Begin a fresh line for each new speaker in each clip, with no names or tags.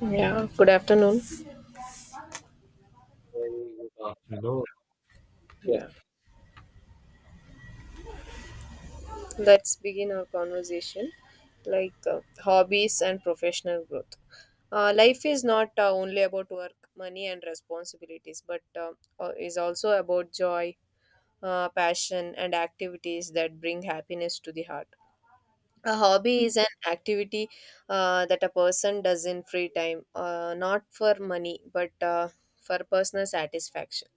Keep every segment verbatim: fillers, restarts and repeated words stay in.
Yeah, good afternoon.
Very good afternoon. Yes.
Yeah, let's begin our conversation like uh, hobbies and professional growth. Uh, life is not uh, only about work, money, and responsibilities, but uh, uh, is also about joy, uh, passion, and activities that bring happiness to the heart. A hobby
Yeah.
is an activity uh, that a person does in free time, uh, not for money, but uh, for personal satisfaction.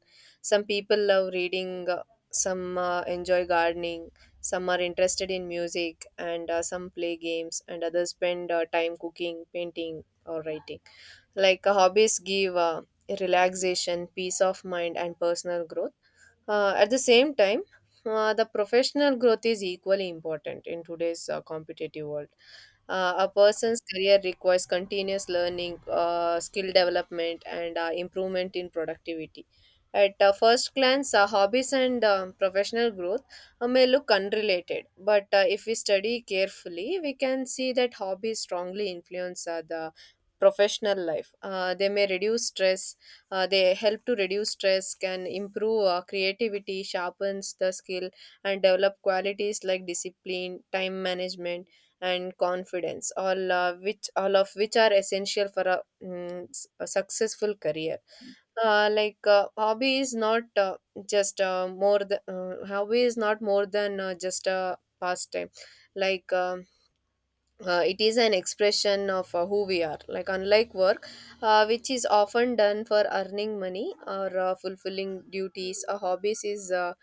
Some people love reading, uh, some uh, enjoy gardening, some are interested in music, and uh, some play games, and others spend uh, time cooking, painting, or writing. Like uh, hobbies give uh, relaxation, peace of mind, and personal growth. Uh, at the same time, uh, the professional growth is equally important in today's uh, competitive world. Uh, a person's career requires continuous learning, uh, skill development, and uh, improvement in productivity. At uh, first glance, uh, hobbies and um, professional growth uh, may look unrelated, but uh, if we study carefully, we can see that hobbies strongly influence uh, the professional life. Uh, they may reduce stress, uh, they help to reduce stress, can improve uh, creativity, sharpens the skill, and develop qualities like discipline, time management, and confidence. All uh, which all of which are essential for a, mm, s- a successful career. Uh, like uh, hobby is not uh, just uh, more than uh, Hobby is not more than uh, just a pastime. Like um uh, it is an expression of uh, who we are, like unlike work, uh, which is often done for earning money or uh, fulfilling duties. A hobbies is uh,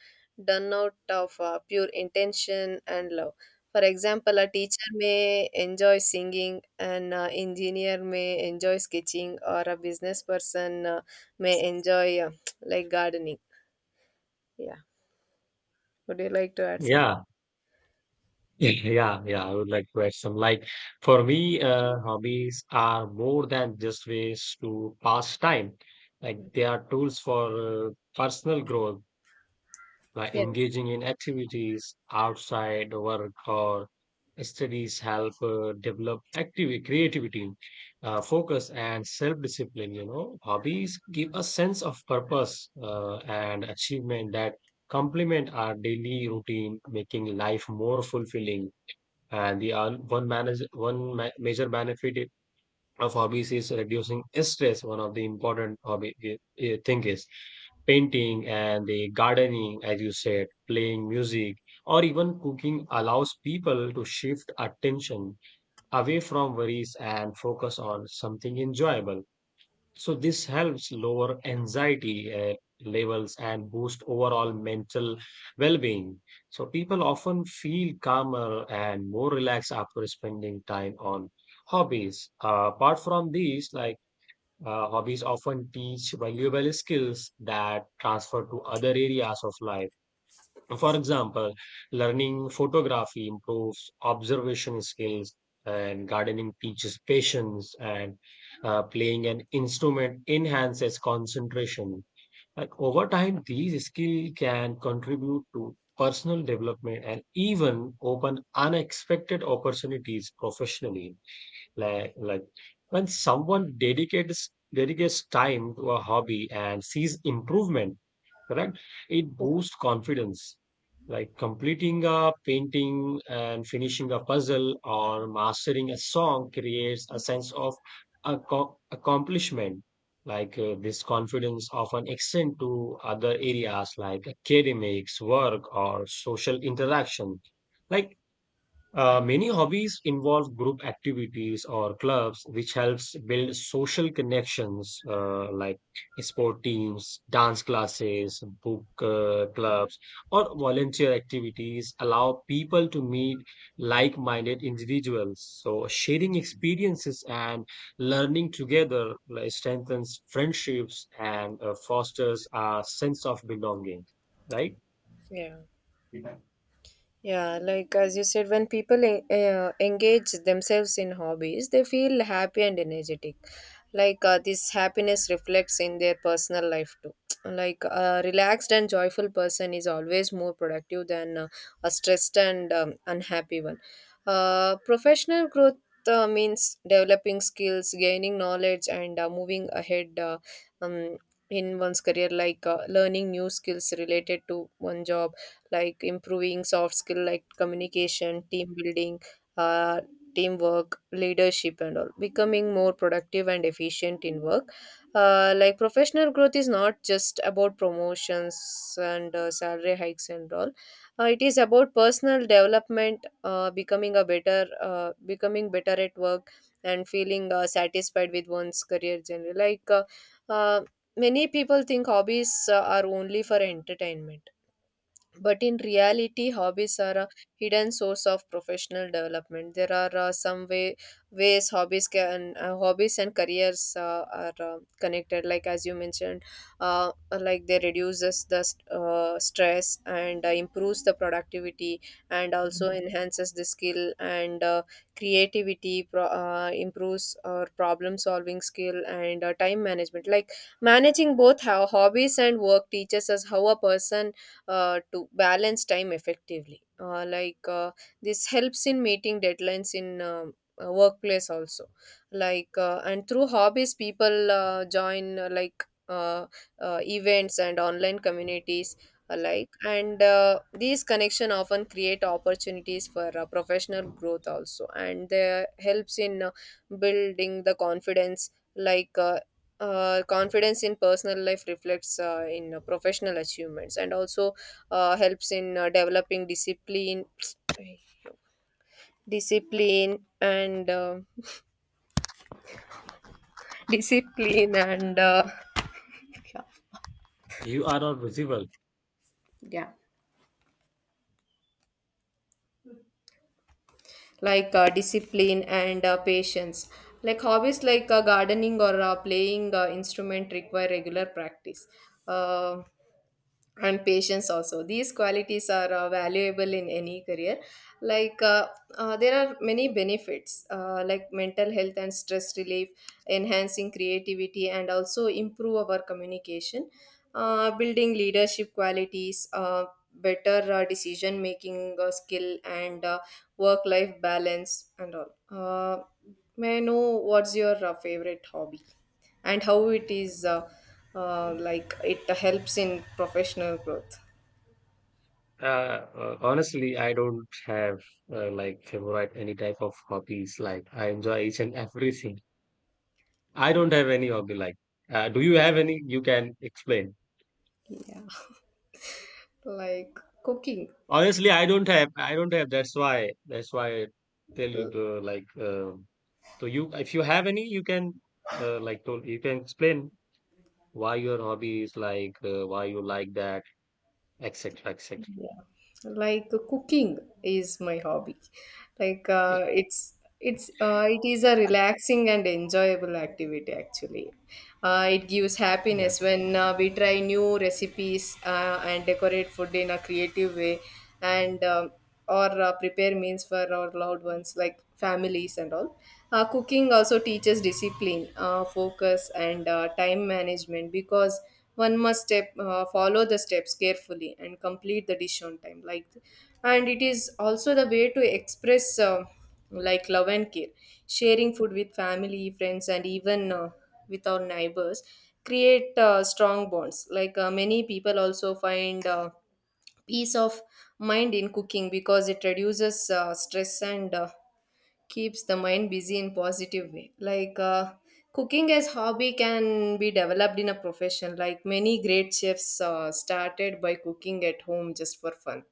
done out of uh, pure intention and love. For example, a teacher may enjoy singing, an uh, engineer may enjoy sketching, or a business person uh, may enjoy uh, like gardening. Yeah, would you like to add something?
Yeah. Yeah, I would like to add some. Like, for me, uh, hobbies are more than just ways to pass time. Like, they are tools for uh, personal growth. By
Yeah,
engaging in activities outside work or studies help uh, develop active creativity, uh, focus and self-discipline. You know, hobbies give a sense of purpose uh, and achievement that complement our daily routine, making life more fulfilling. And the uh, one manage one ma- major benefit of hobbies is reducing stress. One of the important hobby i- i- thing is painting and the gardening, as you said, playing music, or even cooking allows people to shift attention away from worries and focus on something enjoyable. So this helps lower anxiety uh, levels and boost overall mental well-being. So people often feel calmer and more relaxed after spending time on hobbies. Uh, apart from these, like uh, hobbies often teach valuable skills that transfer to other areas of life. For example, learning photography improves observation skills, and gardening teaches patience, and uh, playing an instrument enhances concentration. And over time, these skills can contribute to personal development and even open unexpected opportunities professionally. Like, like when someone dedicates dedicates time to a hobby and sees improvement, correct? It boosts confidence, like completing a painting and finishing a puzzle or mastering a song creates a sense of acco- accomplishment. Like uh, this confidence often extends to other areas like academics, work, or social interaction. Like, uh, many hobbies involve group activities or clubs, which helps build social connections, uh, like sport teams, dance classes, book uh, clubs, or volunteer activities allow people to meet like-minded individuals. So sharing experiences and learning together, like, strengthens friendships and uh, fosters a sense of belonging. Right?
yeah. Yeah, like as you said, when people en- uh, engage themselves in hobbies, they feel happy and energetic. Like uh, this happiness reflects in their personal life too. Like a relaxed and joyful person is always more productive than uh, a stressed and um, unhappy one. Uh, professional growth uh, means developing skills, gaining knowledge, and uh, moving ahead uh, um, in one's career, like uh, learning new skills related to one job, like improving soft skill like communication, team building, uh, teamwork, leadership, and all, becoming more productive and efficient in work. Uh, like professional growth is not just about promotions and uh, salary hikes and all. Uh, it is about personal development, uh, becoming a better, uh, becoming better at work, and feeling uh, satisfied with one's career. Generally, like uh, uh, many people think hobbies uh, are only for entertainment, but in reality, hobbies are a hidden source of professional development. There are uh, some way, ways hobbies can uh, hobbies and careers uh, are uh, connected. Like as you mentioned, uh, like they reduces the st- uh, stress and uh, improves the productivity, and also enhances the skill and uh, creativity. Pro- uh, improves our problem solving skill and uh, time management. Like managing both how hobbies and work teaches us how a person uh, to balance time effectively. Uh, like uh, this helps in meeting deadlines in um, uh, workplace also. Like uh, and through hobbies, people uh, join uh, like uh, uh, events and online communities alike, and uh, these connection often create opportunities for uh, professional growth also, and they helps in uh, building the confidence. like uh, uh, Confidence in personal life reflects uh, in uh, professional achievements, and also uh, helps in uh, developing discipline discipline and uh, discipline and uh,
You are not visible.
Yeah. Like uh, discipline and uh, patience. Like hobbies like uh, gardening or uh, playing uh, instrument require regular practice uh, and patience also. These qualities are uh, valuable in any career. like uh, uh, there are many benefits, uh, like mental health and stress relief, enhancing creativity, and also improve our communication, uh, building leadership qualities, uh, better uh, decision making uh, skill, and uh, work life balance, and all. Uh, may I know what's your uh, favorite hobby and how it is uh, uh, like it helps in professional growth?
Uh, uh, Honestly, I don't have uh, like favorite any type of hobbies. Like, I enjoy each and everything. I don't
Oh,
have any hobby. Like, uh, do you have any? You can explain.
yeah, like cooking.
Honestly, I don't have. I don't have. That's why. That's why I tell you the like. Uh, so you, if you have any, you can uh, like told, you can explain why your hobby is like uh, why you like that, et cetera, et cetera.
Yeah. Like uh, cooking is my hobby. Like uh, it's it's uh, it is a relaxing and enjoyable activity, actually. Uh, it gives
Yeah,
happiness when uh, we try new recipes uh, and decorate food in a creative way, and um or uh, prepare meals for our loved ones, like families and all. Uh, cooking also teaches discipline, uh, focus, and uh, time management, because one must step uh, follow the steps carefully and complete the dish on time. Like and it is also the way to express uh, like love and care. Sharing food with family, friends, and even uh, with our neighbors create uh, strong bonds. Like uh, many people also find uh, peace of mind in cooking because it reduces uh, stress and uh, keeps the mind busy in positive way. Like uh, cooking as hobby can be developed in a profession. Like many great chefs uh, started by cooking at home just for fun.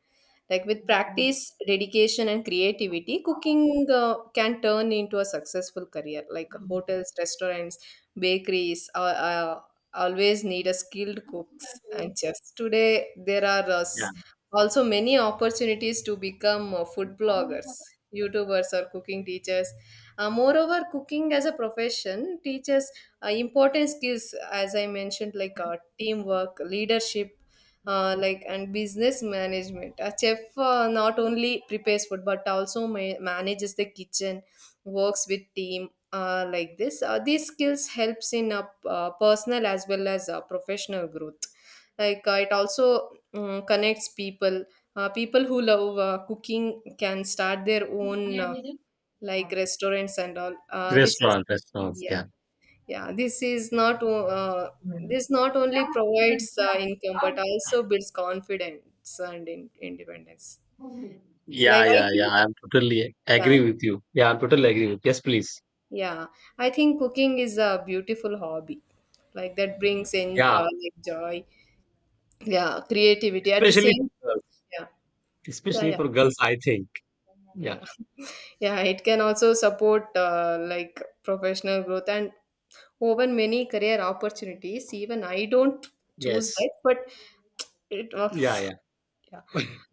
Like with practice, dedication, and creativity, cooking uh, can turn into a successful career. Like hotels, restaurants, bakeries, uh, uh, always need a skilled cooks and chefs. Today, there are uh, s-
yeah.
also many opportunities to become uh, food bloggers, YouTubers, or cooking teachers. Uh, moreover, cooking as a profession teaches uh, important skills, as I mentioned, like uh, teamwork, leadership, uh, like and business management. A chef uh, not only prepares food but also ma- manages the kitchen, works with team. Uh, like this uh, These skills helps in uh, uh, personal as well as uh, professional growth. Like uh, it also um, connects people. Uh, people who love uh, cooking can start their own uh, like restaurants and all. Uh, this is
Restaurant, restaurants.
Yeah,
Yeah.
yeah, this is not o- uh, this not only provides uh, income but also builds confidence and in- independence. Like
Yeah,
I
yeah, yeah.
think,
I'm totally
yeah,
agree with you. Yeah, I'm totally agree with. Yes, please.
yeah, I think cooking is a beautiful hobby. Like that brings in
Yeah,
uh, like joy, yeah, creativity at the
especially
same,
girls.
yeah, yeah,
Especially
yeah.
for girls, I think. Yeah.
Yeah, yeah, it can also support uh, like professional growth and open many career opportunities. Even I don't choose
Yes.
that, but it,
Yeah, yeah.
yeah.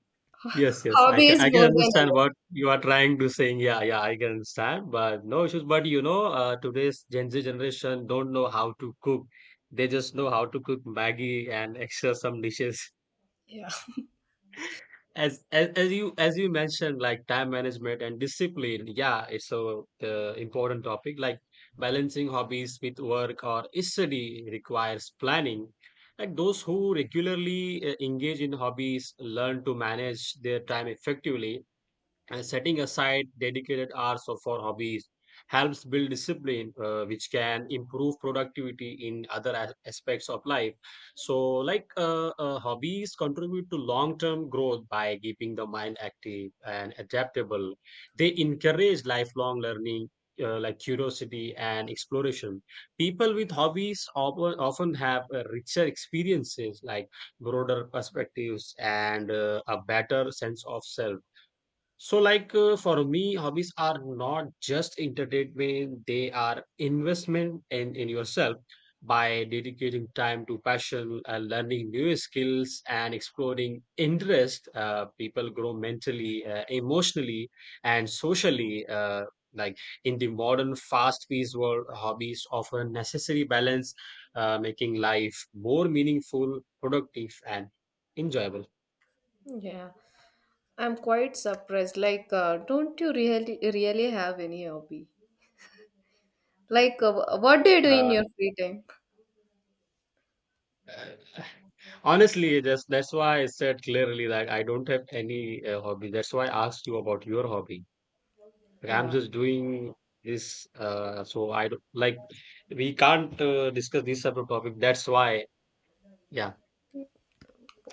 Yes, yes. I
Hobby
can
is
I can
more than
understand
enough.
what you are trying to saying. Yeah, yeah, I can understand. But no issues. But you know, uh, today's Gen Z generation don't know how to cook. They just know how to cook Maggie and extra some dishes.
Yeah,
as, as as you as you mentioned, like, time management and discipline, yeah, it's so uh, important topic. Like, balancing hobbies with work or study requires planning. Like, those who regularly uh, engage in hobbies learn to manage their time effectively, and setting aside dedicated hours of- for hobbies helps build discipline, uh, which can improve productivity in other as- aspects of life. So, like, uh, uh, hobbies contribute to long term growth by keeping the mind active and adaptable. They encourage lifelong learning, uh, like curiosity and exploration. People with hobbies often, often have uh, richer experiences, like broader perspectives and uh, a better sense of self. So, like, uh, for me, hobbies are not just entertainment, they are investment in, in yourself. By dedicating time to passion and learning new skills and exploring interest, uh, people grow mentally, uh, emotionally and socially. Uh, like in the modern fast-paced world, hobbies offer necessary balance, uh, making life more meaningful, productive and enjoyable.
yeah. I'm quite surprised. Like, uh, don't you really really have any hobby? Like, uh, what do you do in
Uh,
your free time?
Honestly, just that's why I said clearly that I don't have any uh, hobby. That's why I asked you about your hobby. Like, I'm
Yeah.
just doing this, uh, so I don't like. We can't uh, discuss this type of topic. That's why, yeah,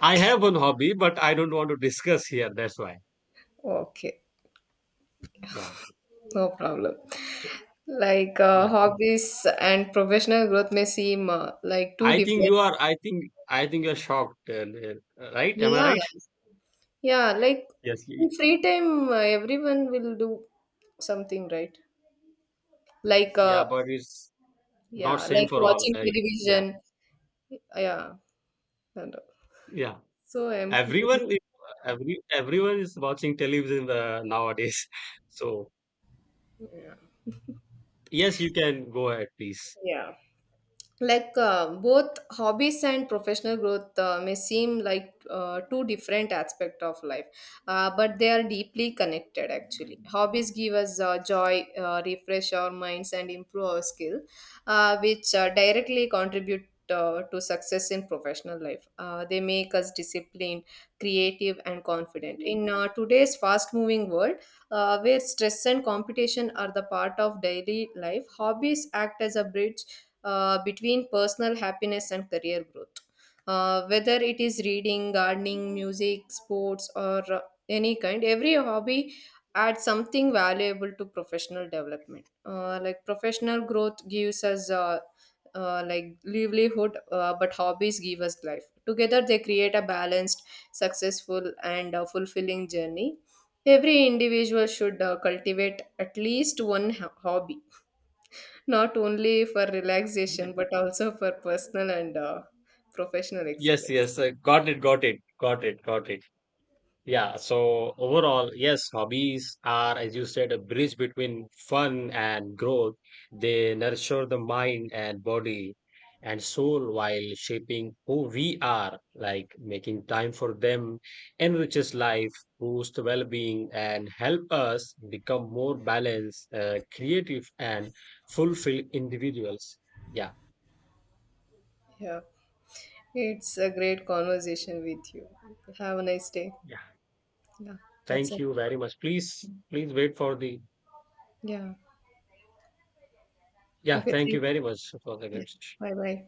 I have one hobby, but I don't want to discuss here. That's why,
Okay.
yeah.
No problem.
So,
Like, uh,
yeah,
hobbies and professional growth may seem uh, like two
I think
different.
you are. I think I think you're shocked, uh, uh, right? Am I
Yeah.
right?
Yeah. Like,
Yes.
in
y-
free time, uh, everyone will do something, right? Like,
Yeah,
uh,
but it's
yeah,
not same
like
for all.
watching
Uh, yeah,
television. Yeah.
yeah.
So um
everyone is every Everyone is watching television uh, nowadays. So yes, you can go ahead, please.
Yeah. Like uh, both hobbies and professional growth uh, may seem like uh, two different aspects of life, uh, but they are deeply connected. Actually, hobbies give us uh, joy, uh, refresh our minds and improve our skill, uh, which uh, directly contribute uh, to success in professional life. Uh, they make us disciplined, creative, and confident in uh, today's fast moving world, uh, where stress and competition are the part of daily life. Hobbies act as a bridge uh, between personal happiness and career growth. Uh, whether it is reading, gardening, music, sports, or uh, any kind, every hobby adds something valuable to professional development. Uh, like professional growth gives us uh, uh, like livelihood, uh, but hobbies give us life. Together, they create a balanced, successful, and uh, fulfilling journey. Every individual should uh, cultivate at least one ho- hobby, not only for relaxation but also for personal and uh, professional
Yes,
excellence.
yes, uh, got it got it got it got it Yeah, so overall, yes, hobbies are, as you said, a bridge between fun and growth. They nurture the mind and body and soul while shaping who we are, like making time for them enriches life, boosts well-being, and help us become more balanced, uh, creative, and fulfilled individuals. Yeah,
Yeah, it's a great conversation with you. Have a nice day.
yeah.
Yeah, that's
Thank
it.
you very much. Please, please wait for the.
Yeah.
Yeah,
Okay. Thank
thank
you.
you very much for the
Yeah.
guest.
Bye bye.